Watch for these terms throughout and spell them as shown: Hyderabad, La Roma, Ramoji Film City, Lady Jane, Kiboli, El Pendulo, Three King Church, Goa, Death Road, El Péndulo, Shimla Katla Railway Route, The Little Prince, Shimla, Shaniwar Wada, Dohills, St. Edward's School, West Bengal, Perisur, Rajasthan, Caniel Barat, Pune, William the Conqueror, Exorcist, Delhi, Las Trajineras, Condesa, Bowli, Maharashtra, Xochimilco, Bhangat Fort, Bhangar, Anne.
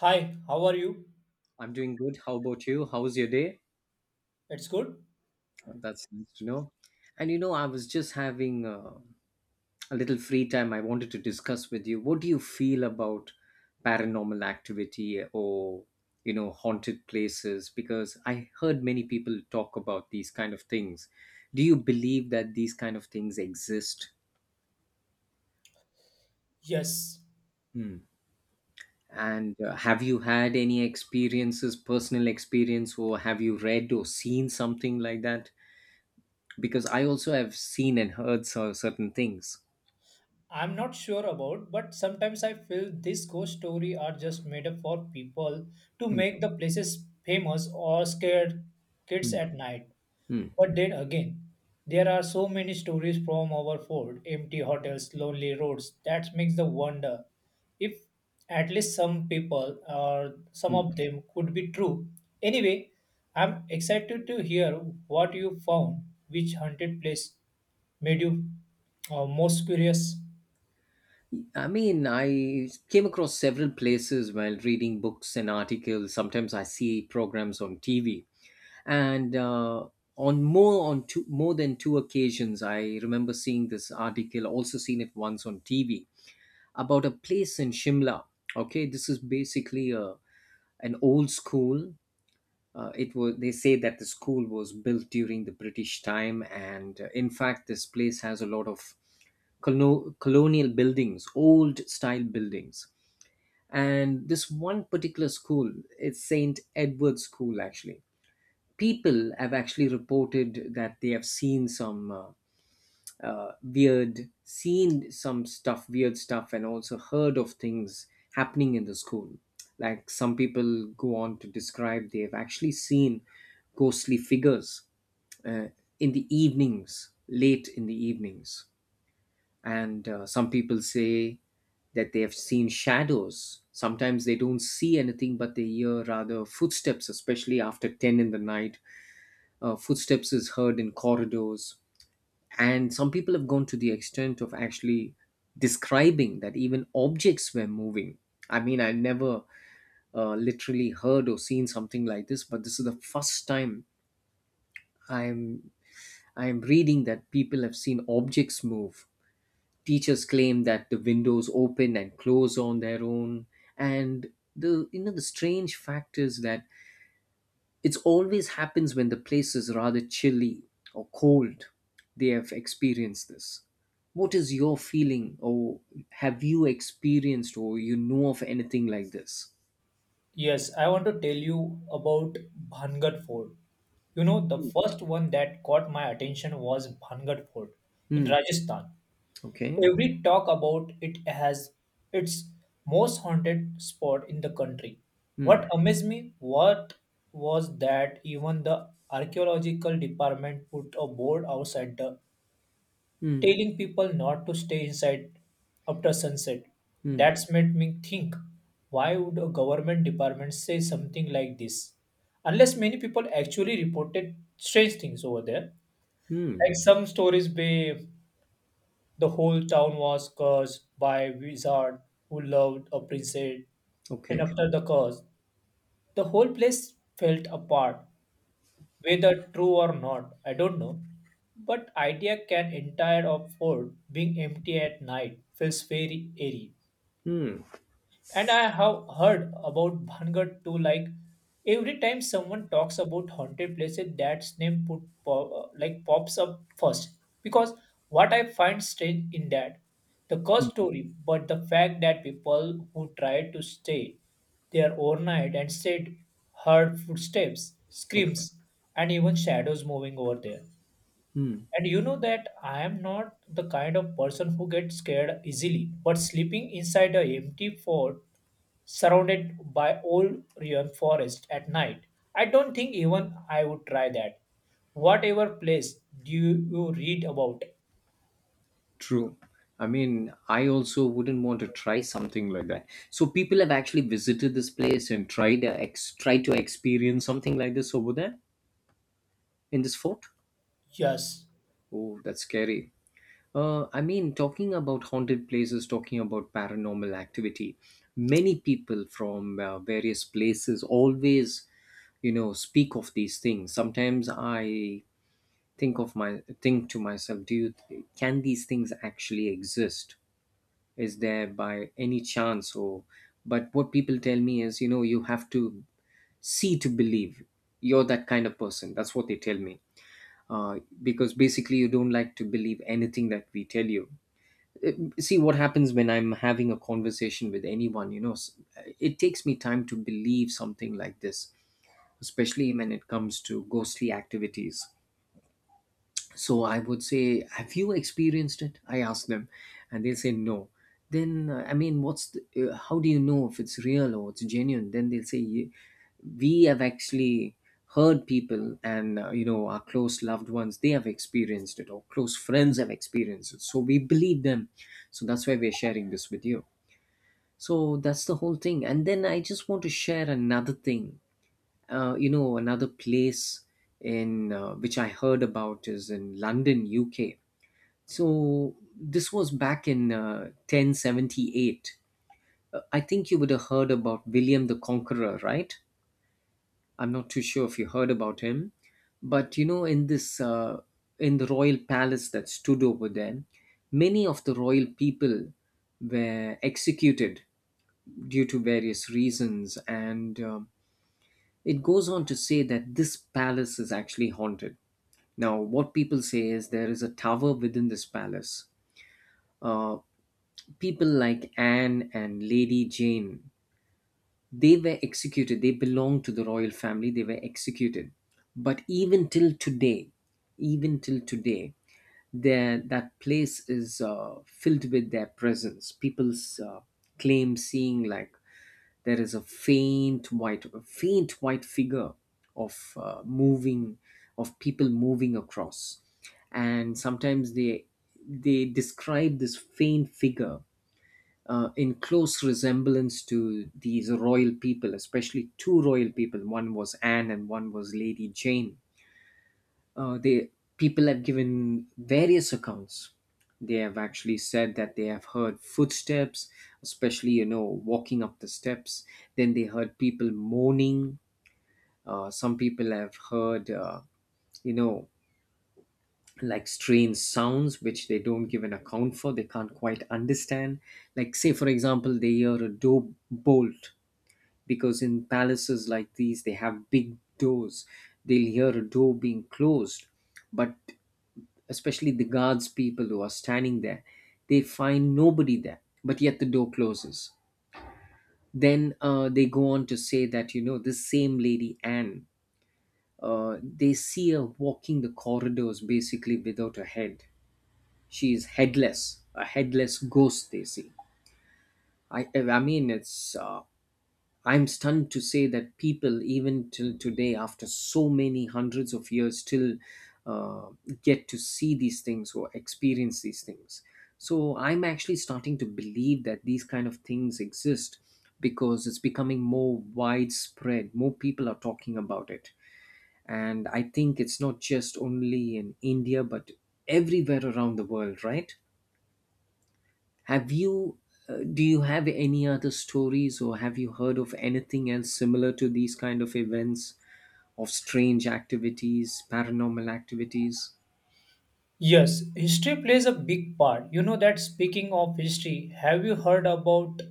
Hi, how are you? I'm doing good. How about you? How's your day? It's good? That's nice to know. And I was just having a little free time. I wanted to discuss with you. What do you feel about paranormal activity or haunted places? Because I heard many people talk about these kind of things. Do you believe that these kind of things exist? Yes. Hmm. And have you had any experiences, personal experience, or have you read or seen something like that? Because I also have seen and heard certain things. I'm not sure about, but sometimes I feel these ghost story are just made up for people to Mm. make the places famous or scare kids Mm. at night. Hmm. But then again, there are so many stories from our fort, empty hotels, lonely roads, that makes the wonder if at least some people or some Mm. of them could be true. Anyway, I'm excited to hear what you found, which haunted place made you most curious. I mean, I came across several places while reading books and articles. Sometimes I see programs on TV. And on more than two occasions, I remember seeing this article. Also seen it once on TV about a place in Shimla. Okay, this is basically a an old school. It was They say that the school was built during the British time, and in fact, this place has a lot of colonial buildings, old style buildings. And this one particular school, it's St. Edward's School actually. People have actually reported that they have seen some weird, seen some stuff, weird stuff, and also heard of things happening in the school. Like, some people go on to describe they've actually seen ghostly figures uh, in the evenings, late in the evenings. And some people say that they have seen shadows. Sometimes they don't see anything, but they hear rather footsteps, especially after 10 in the night. Footsteps is heard in corridors, and some people have gone to the extent of actually describing that even objects were moving. I mean, I never literally heard or seen something like this, but this is the first time i'm I'm reading that people have seen objects move. Teachers claim that the windows open and close on their own, and the you know the strange fact is that it always happens when the place is rather chilly or cold. They have experienced this. What is your feeling, or have you experienced, or you know of anything like this? Yes, I want to tell you about Bhangat Fort. You know, the first one that caught my attention was Bhangat Fort in Hmm. Rajasthan. Okay. Every talk about it has its most haunted spot in the country. Hmm. What amazed me what was that even the archaeological department put a board outside the Hmm. telling people not to stay inside after sunset. Hmm. That's made me think, why would a government department say something like this? Unless many people actually reported strange things over there. Hmm. Like some stories be the whole town was cursed by a wizard who loved a princess, and Okay. after the curse, the whole place felt apart, whether true or not, I don't know. But idea can entire of fort being empty at night feels very eerie. Hmm. And I have heard about Bhangar too. Like every time someone talks about haunted places, that's name like pops up first. Because what I find strange in that, the Hmm. ghost story, but the fact that people who tried to stay there overnight and said heard footsteps, Okay. screams, and even shadows moving over there. Hmm. And you know that I am not the kind of person who gets scared easily, but sleeping inside a empty fort surrounded by old ruined forest at night, I don't think even I would try that. Whatever place do you read about? True. I mean, I also wouldn't want to try something like that. So people have actually visited this place and tried to try to experience something like this over there in this fort. Yes. Oh, that's scary. I mean, talking about haunted places, talking about paranormal activity, many people from various places always speak of these things. Sometimes I think of my think to myself, do you can these things actually exist? Is there by any chance? Or But what people tell me is, you have to see to believe. You're that kind of person. That's what they tell me. Because basically, you don't like to believe anything that we tell you. See what happens when I'm having a conversation with anyone. It takes me time to believe something like this, especially when it comes to ghostly activities. So I would say, "Have you experienced it?" I ask them, and they say no. Then I mean, what's how do you know if it's real or it's genuine? Then they'll say, We have actually heard people, and our close loved ones, they have experienced it, or close friends have experienced it. So we believe them. So that's why we're sharing this with you." So that's the whole thing. And then I just want to share another thing, another place in which I heard about is in London, UK. So this was back in 1078. I think you would have heard about William the Conqueror, right? I'm not too sure if you heard about him, but in this in the royal palace that stood over there, many of the royal people were executed due to various reasons, and it goes on to say that this palace is actually haunted. Now, what people say is there is a tower within this palace. Uh, People like Anne and Lady Jane, they were executed. They belonged to the royal family. They were executed. But even till today, there that place is filled with their presence. People uh, claim seeing like there is a faint white figure of uh, moving of people moving across, and sometimes they describe this faint figure in close resemblance to these royal people, especially two royal people: one was Anne and one was Lady Jane. They People have given various accounts. They have actually said that they have heard footsteps, especially walking up the steps. Then they heard people moaning. Uh, some people have heard you know like strange sounds which they don't give an account for, they can't quite understand. Like, say for example, they hear a door bolt, because in palaces like these they have big doors. They'll hear a door being closed. But especially the guards, people who are standing there, they find nobody there, but yet the door closes. Then they go on to say that this same Lady Anne, they see her walking the corridors basically without a head. She is headless, a headless ghost they see. I mean it's I'm stunned to say that people, even till today, after so many hundreds of years, still uh, get to see these things or experience these things. So I'm actually starting to believe that these kind of things exist, because it's becoming more widespread. More people are talking about it. And I think it's not just only in India, but everywhere around the world, right? Have you, do you have any other stories or have you heard of anything else similar to these kind of events, of strange activities, paranormal activities? Yes, history plays a big part. You know that speaking of history, have you heard about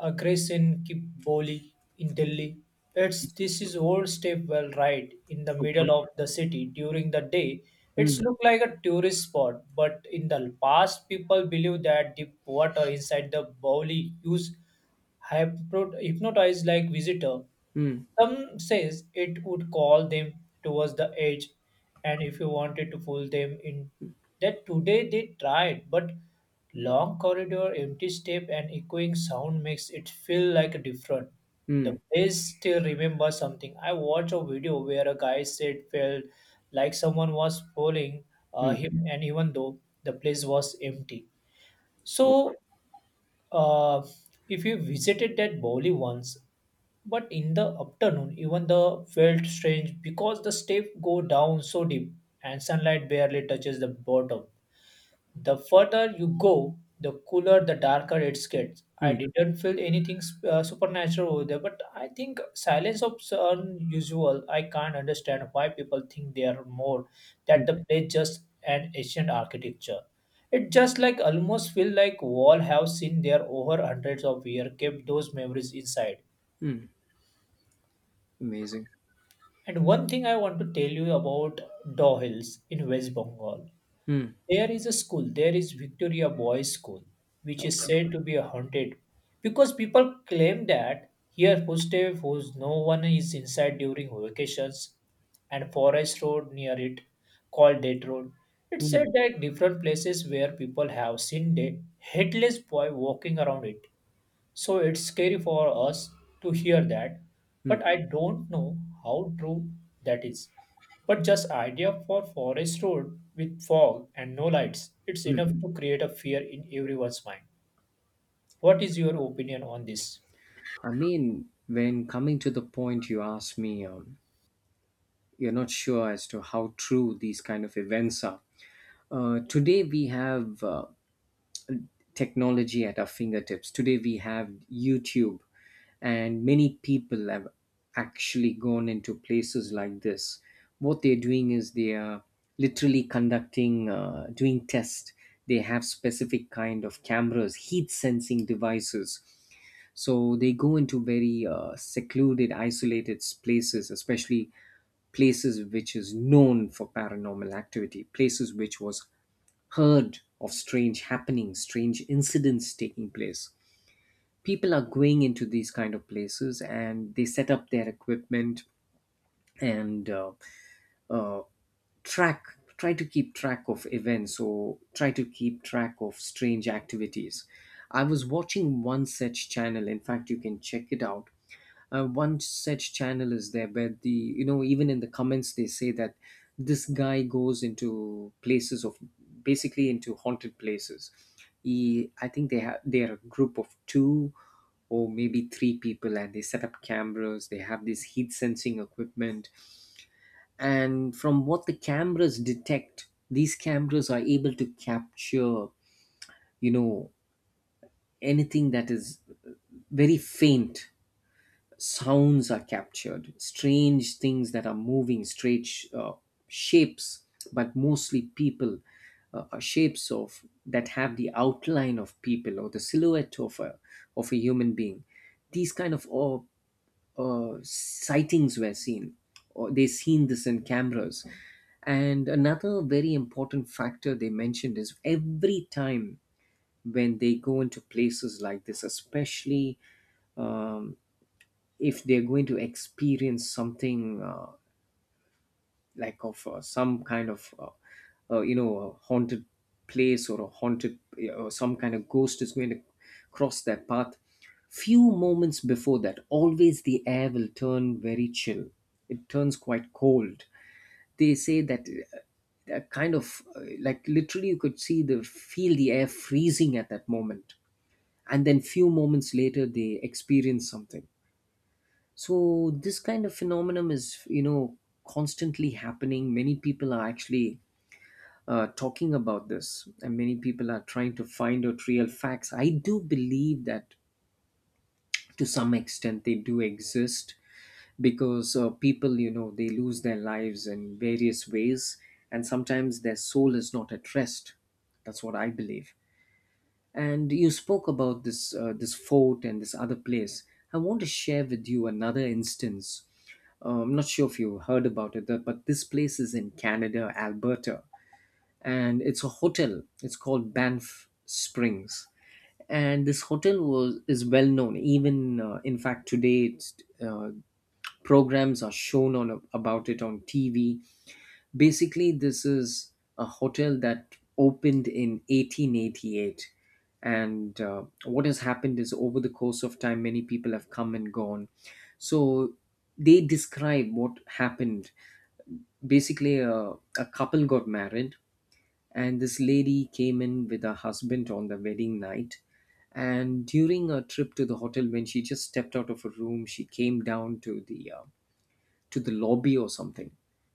a grace in Kiboli in Delhi? It's this is old stepwell right in the Okay. middle of the city during the day. It's Mm, look like a tourist spot, but in the past people believe that deep water inside the Bowli used hypnotize like visitor. mm, Some says it would call them towards the edge, and if you wanted to pull them in, that today they tried, but long corridor, empty step, and echoing sound makes it feel like a different. The mm, place still remembers something. I watched a video where a guy said felt like someone was pulling mm, him, and even though the place was empty. oh, So uh, if you visited that bowli once, but in the afternoon, even the felt strange because the steps go down so deep and sunlight barely touches the bottom. The further you go, the cooler, the darker it gets. I mm, didn't feel anything supernatural over there, but I think silence of unusual. I can't understand why people think they are more that mm, the place just an ancient architecture. It just like almost feel like wall have seen there over hundreds of years, kept those memories inside. mm. Amazing. And one thing I want to tell you about Dohills in West Bengal. Mm, There is a school, there is Victoria Boys School, which is okay. said to be haunted because people claim that here footsteps whose no one is inside during vacations and forest road near it called Death Road. It Mm, said that different places where people have seen the headless boy walking around it. So it's scary for us to hear that, but mm, I don't know how true that is. But just idea for forest road with fog and no lights, it's mm. enough to create a fear in everyone's mind. What is your opinion on this? I mean, when coming to the point you asked me, you're not sure as to how true these kind of events are. Today we have technology at our fingertips. Today we have YouTube, and many people have actually gone into places like this. What they're doing is they are literally doing tests. They have specific kind of cameras, heat sensing devices. So they go into very secluded, isolated places, especially places which is known for paranormal activity, places which was heard of strange happenings, strange incidents taking place. People are going into these kind of places and they set up their equipment, and uh, track, try to keep track of events or try to keep track of strange activities. I was watching one such channel, in fact, you can check it out. One such channel is there, where the you know even in the comments they say that this guy goes into places of basically into haunted places. He, I think they are a group of two or maybe three people, and they set up cameras. They have this heat sensing equipment, and from what the cameras detect, these cameras are able to capture you know anything that is very faint. Sounds are captured, strange things that are moving, strange shapes, but mostly people, are shapes of that have the outline of people or the silhouette of a human being. These kind of sightings were seen, or they seen this in cameras. And another very important factor they mentioned is every time when they go into places like this, especially um, if they're going to experience something like of some kind of a haunted place or a haunted, yeah, or some kind of ghost is going to cross their path, few moments before that always the air will turn very chill. It turns quite cold. They say that that kind of like literally you could see the feel the air freezing at that moment, and then few moments later they experience something. So this kind of phenomenon is constantly happening. Many people are actually talking about this, and many people are trying to find out real facts. I do believe that to some extent they do exist, because people they lose their lives in various ways, and sometimes their soul is not at rest. That's what I believe. And you spoke about this fort and this other place. I want to share with you another instance. I'm not sure if you heard about it, but this place is in Canada, Alberta, and it's a hotel. It's called Banff Springs, and this hotel was is well known. Even in fact, today uh, programs are shown on about it on TV. Basically, this is a hotel that opened in 1888, and what has happened is over the course of time, many people have come and gone. So they describe what happened, basically a couple got married, and this lady came in with her husband on the wedding night, and during a trip to the hotel when she just stepped out of her room, she came down to the lobby or something.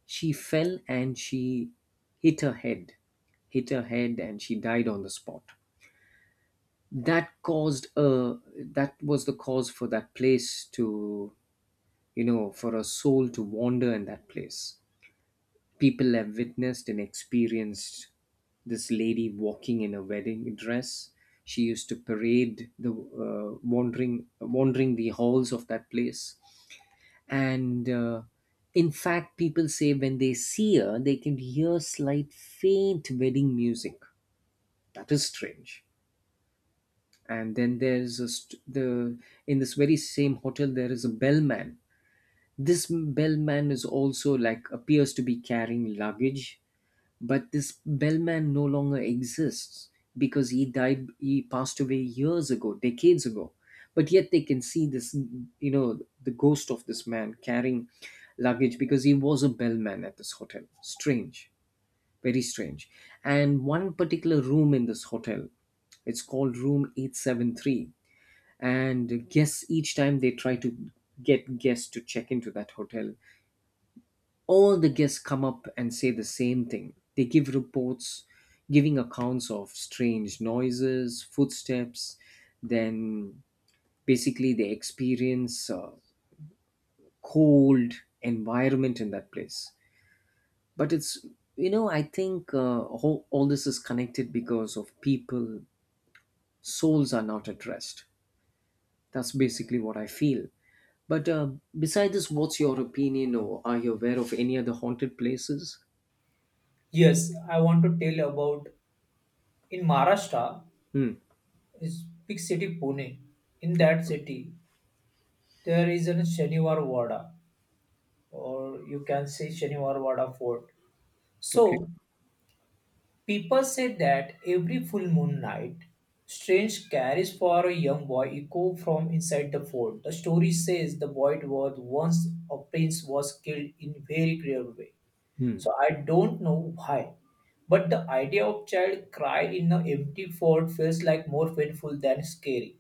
She fell and she hit her head hit her head, and she died on the spot. that caused a that was the cause for that place to, for a soul to wander in that place. People have witnessed and experienced this lady walking in a wedding dress. She used to parade the wandering the halls of that place, and in fact, people say when they see her, they can hear slight faint wedding music. That is strange. And then, there's a st- the in this very same hotel there is a bellman. This bellman is also, like, appears to be carrying luggage. But this bellman no longer exists because he died, he passed away years ago, decades ago. But yet they can see this, the ghost of this man carrying luggage because he was a bellman at this hotel. Strange, very strange. And one particular room in this hotel, it's called room 873, and guests, each time they try to get guests to check into that hotel, all the guests come up and say the same thing. They give reports, giving accounts of strange noises, footsteps, then basically they experience cold environment in that place. But I think all this is connected because of people, souls are not at rest. That's basically what I feel. But beside this, what's your opinion, or are you aware of any other haunted places? Yes, I want to tell about in Maharashtra Hmm. is big city Pune. In that city, there is a Shaniwar Wada, or you can say Shaniwar Wada Fort. Okay. So people say that every full moon night, strange carries for a young boy echo from inside the fort. The story says the boy was once a prince was killed in very grave way. Hmm. So I don't know why. But the idea of child cry in an empty fort feels like more painful than scary.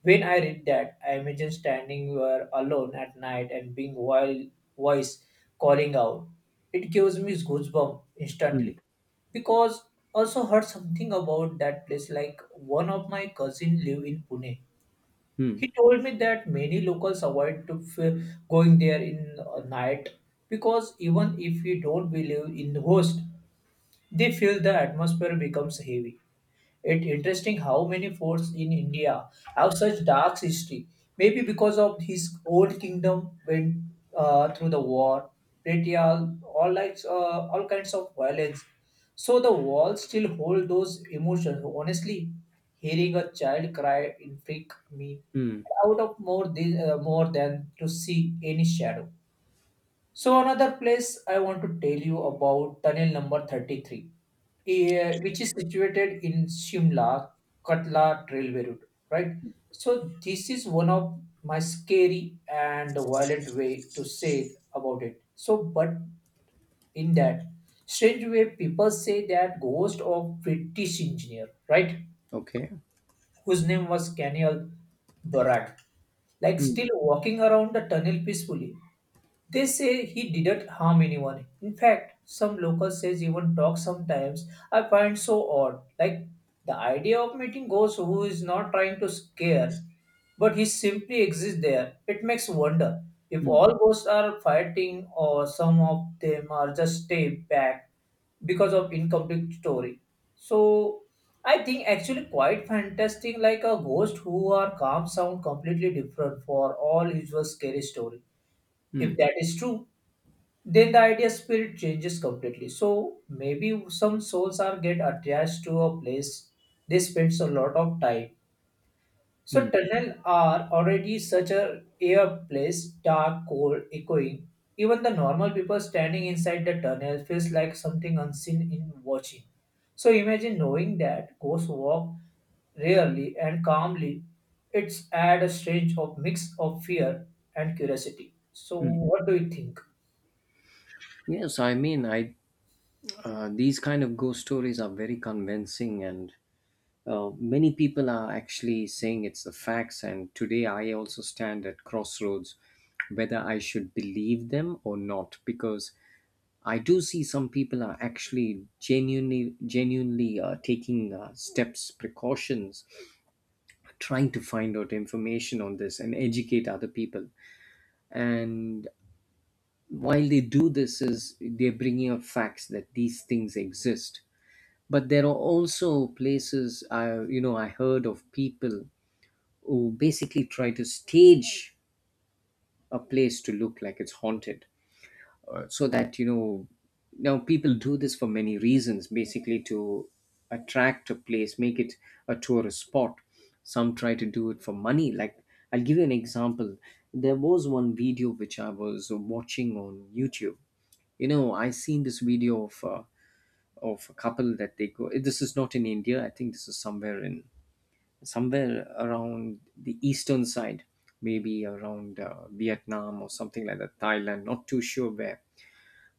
When I read that, I imagine standing where alone at night and being wild voice calling out. It gives me goosebumps Mm, instantly because also heard something about that place. Like one of my cousin live in Pune. mm, He told me that many locals avoid to going there in night because even if you don't believe in the ghost, they feel the atmosphere becomes heavy. It's interesting how many forts in India have such dark history. Maybe because of his old kingdom went through the war, betrayal, all like all kinds of violence. So the walls still hold those emotions. Honestly, hearing a child cry intrigue me mm. out of more this, more than to see any shadow. So another place I want to tell you about tunnel number 33, eh, which is situated in Shimla Katla Railway Route, right? So this is one of my scary and violent way to say about it. So but in that strange way, people say that ghost of British engineer, right, Okay. whose name was Caniel Barat, like Mm, still walking around the tunnel peacefully. They say he didn't harm anyone. In fact, some locals says even talk sometimes. I find so odd. Like the idea of meeting ghosts who is not trying to scare, but he simply exists there. It makes wonder if mm, all ghosts are fighting or some of them are just stay back because of incomplete story. So I think actually quite fantastic like a ghost who are calm sound completely different for all usual scary story. If mm, that is true, then the idea spirit changes completely. So maybe some souls are get attached to a place they spends a lot of time. So mm, tunnel are already such a air place, dark, cold, echoing. Even the normal people standing inside the tunnel feels like something unseen in watching. So imagine knowing that ghosts walk rarely and calmly. It's add a strange of mix of fear and curiosity. So mm. what do you think? Yes, I mean, I these kind of ghost stories are very convincing, and many people are actually saying it's the facts. And today, I also stand at crossroads whether I should believe them or not, because I do see some people are actually genuinely taking steps, precautions, trying to find out information on this and educate other people. And while they do this is they're bringing up facts that these things exist, but there are also places I you know I heard of people who basically try to stage a place to look like it's haunted, so that now people do this for many reasons, basically to attract a place, make it a tourist spot. Some try to do it for money, like I'll give you an example. There was one video which I was watching on YouTube. You know, I seen this video of a couple that they go. This is not in India. I think this is somewhere around the eastern side, maybe around Vietnam or something like that. Thailand, not too sure where.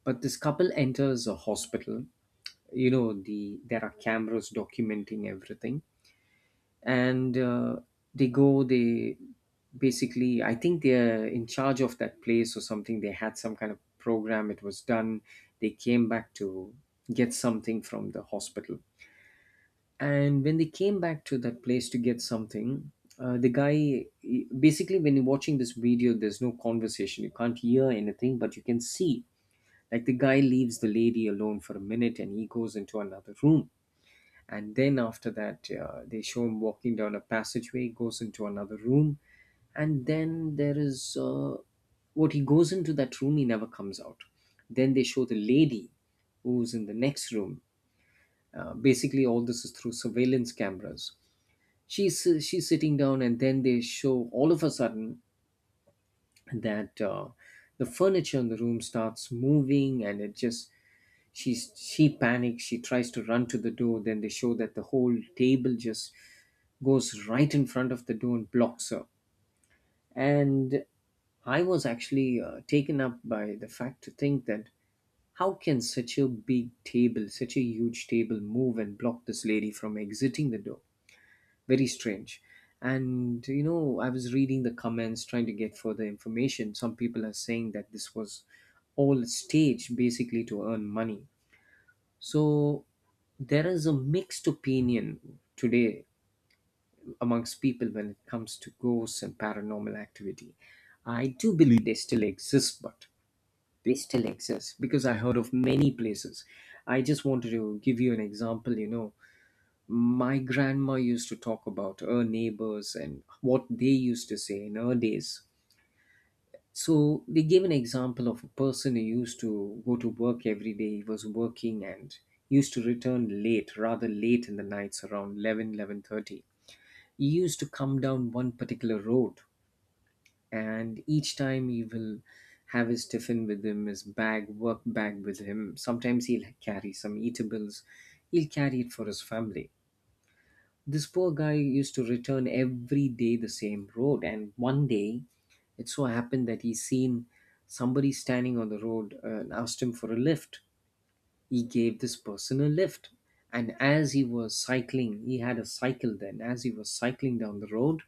But this couple enters a hospital. There are cameras documenting everything, and they basically, I think, they're in charge of that place or something, they had some kind of program, it was done. They came back to get something from the hospital, and when they came back to that place to get something, the guy, basically, when you're watching this video, there's no conversation, you can't hear anything, but you can see, like, the guy leaves the lady alone for a minute and he goes into another room, and then after that, they show him walking down a passageway, goes into another room. And then there is, what, he goes into that room, he never comes out. Then they show the lady who's in the next room. Basically all this is through surveillance cameras, she's sitting down, and then they show all of a sudden that, the furniture in the room starts moving, and it just, she panics, she tries to run to the door. Then they show that the whole table just goes right in front of the door and blocks her. And I was actually taken up by the fact to think that how can such a big table, such a huge table, move and block this lady from exiting the door? Very strange. And I was reading the comments, trying to get further information. Some people are saying that this was all staged, basically to earn money. So there is a mixed opinion today amongst people when it comes to ghosts and paranormal activity. I do believe they still exist, but they still exist because I heard of many places. I just wanted to give you an example. My grandma used to talk about her neighbors and what they used to say in her days. So they gave an example of a person who used to go to work every day. He was working and used to return late, rather late in the nights, around 11, 11:30. He used to come down one particular road, and each time he will have his tiffin with him, his bag, work bag with him. Sometimes he'll carry some eatables, he'll carry it for his family. This poor guy used to return every day the same road, and one day it so happened that he seen somebody standing on the road, and asked him for a lift. He gave this person a lift, and as he was cycling, he had a cycle then. As he was cycling down the road,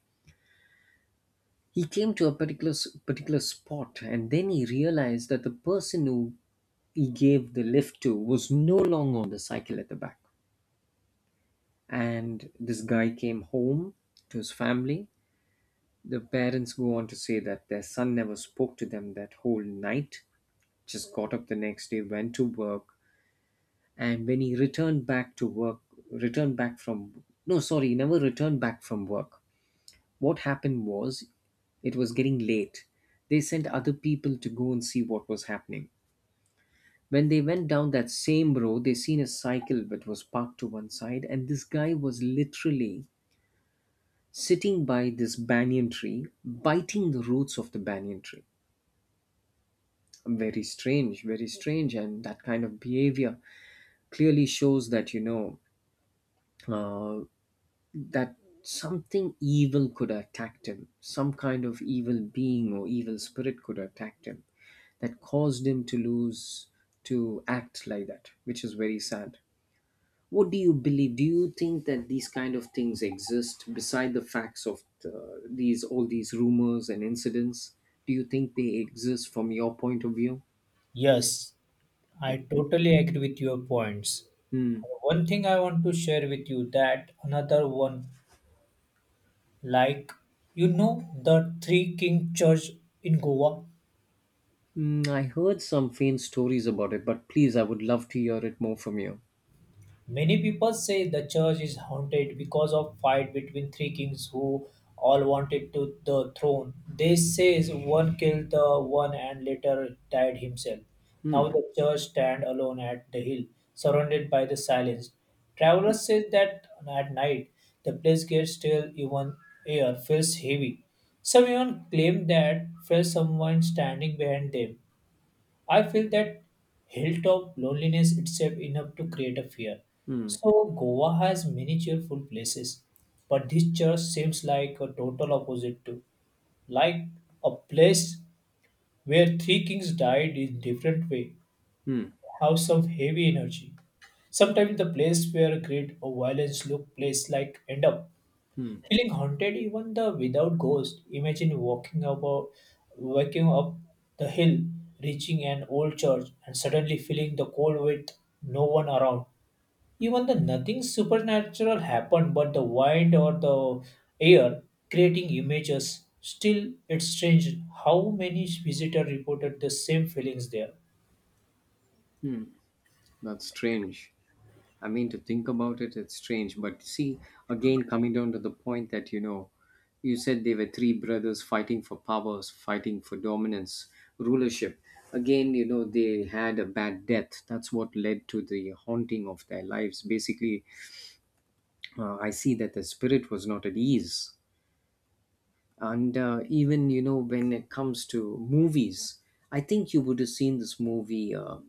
he came to a particular particular spot, and then he realized that the person who he gave the lift to was no longer on the cycle at the back. And this guy came home to his family. The parents go on to say that their son never spoke to them that whole night, just got up the next day, went to work. And when he returned back to work, returned back from, no, sorry, he never returned back from work. What happened was, it was getting late. They sent other people to go and see what was happening. When they went down that same road, they seen a cycle that was parked to one side, and this guy was literally sitting by this banyan tree, biting the roots of the banyan tree. Very strange, and that kind of behavior clearly shows that you know uh, that something evil could have attacked him, some kind of evil being or evil spirit could have attacked him, that caused him to lose, to act like that, which is very sad. What do you believe? Do you think that these kind of things exist beside the facts of these, all these rumors and incidents? Do you think they exist from your point of view? Yes, I Okay. totally agree with your points. Hmm. One thing I want to share with you that another one, like you know, the Three King Church in Goa. Hmm, I heard some faint stories about it, but please, I would love to hear it more from you. Many people say the church is haunted because of fight between three kings who all wanted to the throne. They say one killed the one and later died himself. Hmm. Now the church stand alone at the hill, surrounded by the silence. Travelers say that at night the place gets still, even air feels heavy. Some even claim that felt someone standing behind them. I feel that hilltop loneliness itself enough to create a fear. So Goa has many cheerful places, but this church seems like a total opposite to, like a place where three kings died in different way, Hmm. have some heavy energy. Sometimes the place where great or violence look place like end up feeling haunted even the without ghost. Imagine walking about waking up the hill, reaching an old church, and suddenly feeling the cold with no one around. Even the nothing supernatural happened but the wind or the air creating images. Still it's strange how many visitors reported the same feelings there. That's strange. I mean, to think about it, it's strange. But see, again, coming down to the point that, you said they were three brothers fighting for powers, fighting for dominance, rulership. Again, they had a bad death. That's what led to the haunting of their lives. Basically, I see that the spirit was not at ease. And even, when it comes to movies, I think you would have seen this movie,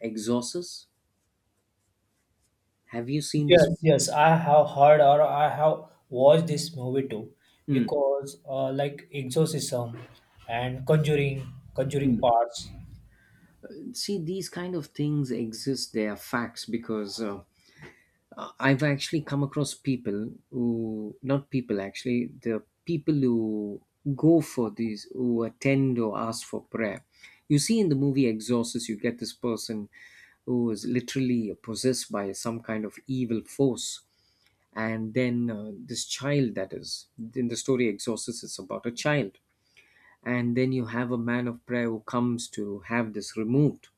Exorcist. Have you seen this? Yes, yes, I have heard or I have watched this movie too because like exorcism and conjuring parts. See, these kind of things exist, they are facts because I've actually come across people, who not people, actually the people who go for these, who attend or ask for prayer. You see, in the movie Exorcist, you get this person who is literally possessed by some kind of evil force, and then, this child that is in the story, Exorcist, it's about a child, and then you have a man of prayer who comes to have this removed.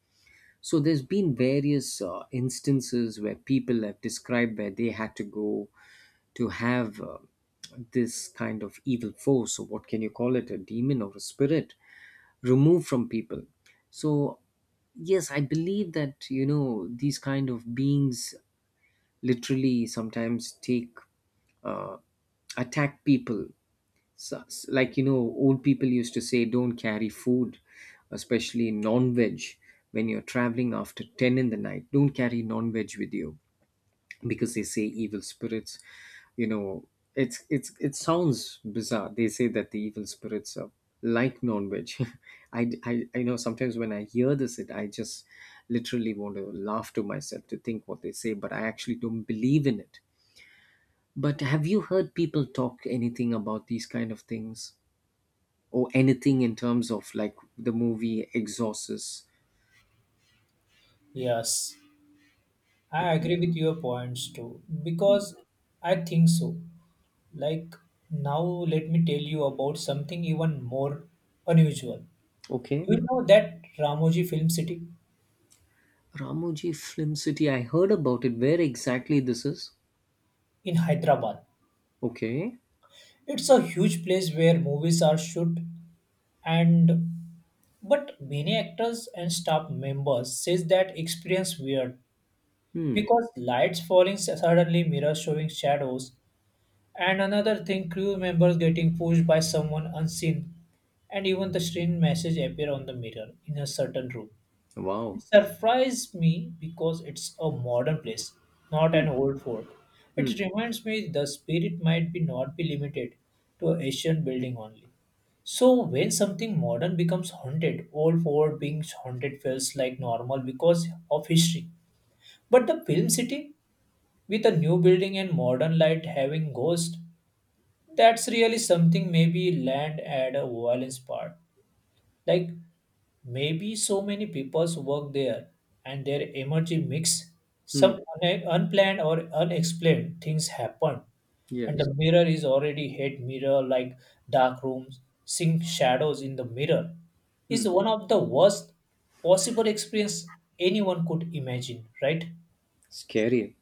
So there's been various instances where people have described where they had to go to have, this kind of evil force, or what can you call it, a demon or a spirit, removed from people. So yes, I believe that, these kind of beings literally sometimes take uh, attack people. So, old people used to say, don't carry food, especially non-veg, when you're traveling after 10 in the night. Don't carry non-veg with you because they say evil spirits. You know, it sounds bizarre. They say that the evil spirits are like non-veg. I know sometimes when I hear this, it I just literally want to laugh to myself to think what they say, but I actually don't believe in it. But have you heard people talk anything about these kind of things? Or anything in terms of, like, the movie Exorcist. Yes, I Okay. agree with your points too because I think so. Like now, let me tell you about something even more unusual. Okay. You know that Ramoji Film City Ramoji Film City. I heard about it. Where exactly this is? in Hyderabad. Okay. It's a huge place where movies are shoot and but many actors and staff members says that experience weird Hmm. because lights falling suddenly, mirrors showing shadows, and another thing crew members getting pushed by someone unseen, and even the strange message appear on the mirror in a certain room. It Wow. surprised me because it's a modern place, not an old fort. Hmm. It reminds me the spirit might be not be limited to ancient building only. So when something modern becomes haunted, old fort being haunted feels like normal because of history. But the film city with a new building and modern light having ghost, that's really something maybe land add a violence part. Like maybe so many people's work there and their energy mix. Hmm. Some unplanned or unexplained things happen, and Yes. the mirror is already head mirror like dark rooms, seeing shadows in the mirror is Hmm. one of the worst possible experience anyone could imagine, right? Scary.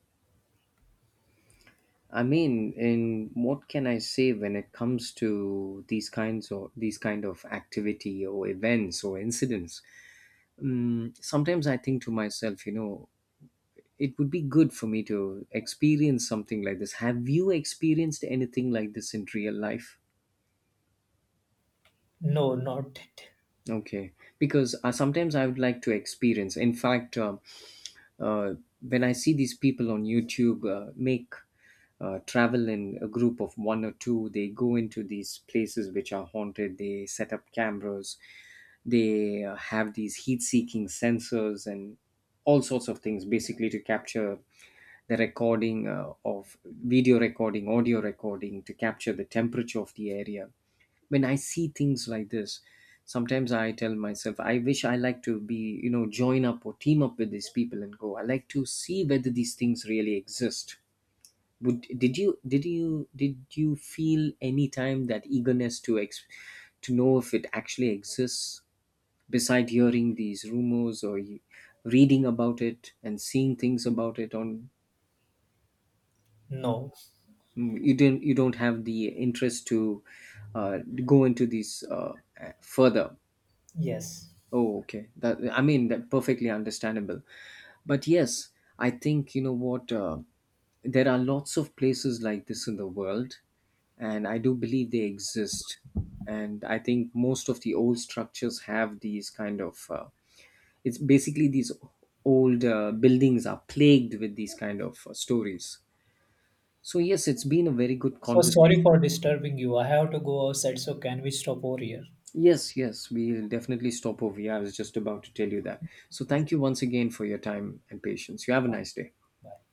I mean, in what can I say when it comes to these kind of activity or events or incidents? Sometimes I think to myself, it would be good for me to experience something like this. Have you experienced anything like this in real life? No, not it. Okay, because sometimes I would like to experience. In fact, uh, when I see these people on YouTube make travel in a group of one or two, they go into these places which are haunted, they set up cameras, they have these heat seeking sensors and all sorts of things, basically to capture the recording, of video recording, audio recording, to capture the temperature of the area. When I see things like this, sometimes I tell myself, I wish I like to be, join up or team up with these people and go. I like to see whether these things really exist. Would did you did you did you feel any time that eagerness to to know if it actually exists, beside hearing these rumors or reading about it and seeing things about it on. No. You don't have the interest to uh, go into these further. Yes. Oh, okay. That I mean, that perfectly understandable. But yes, I think you know what. There are lots of places like this in the world, and I do believe they exist. And I think most of the old structures have these kind of. It's basically these old buildings are plagued with these kind of stories. So yes, it's been a very good So sorry for conversation. disturbing you. I have to go outside, so can we stop over here? Yes, yes, we'll definitely stop over here. I was just about to tell you that. So, thank you once again for your time and patience. You have a nice day. Bye.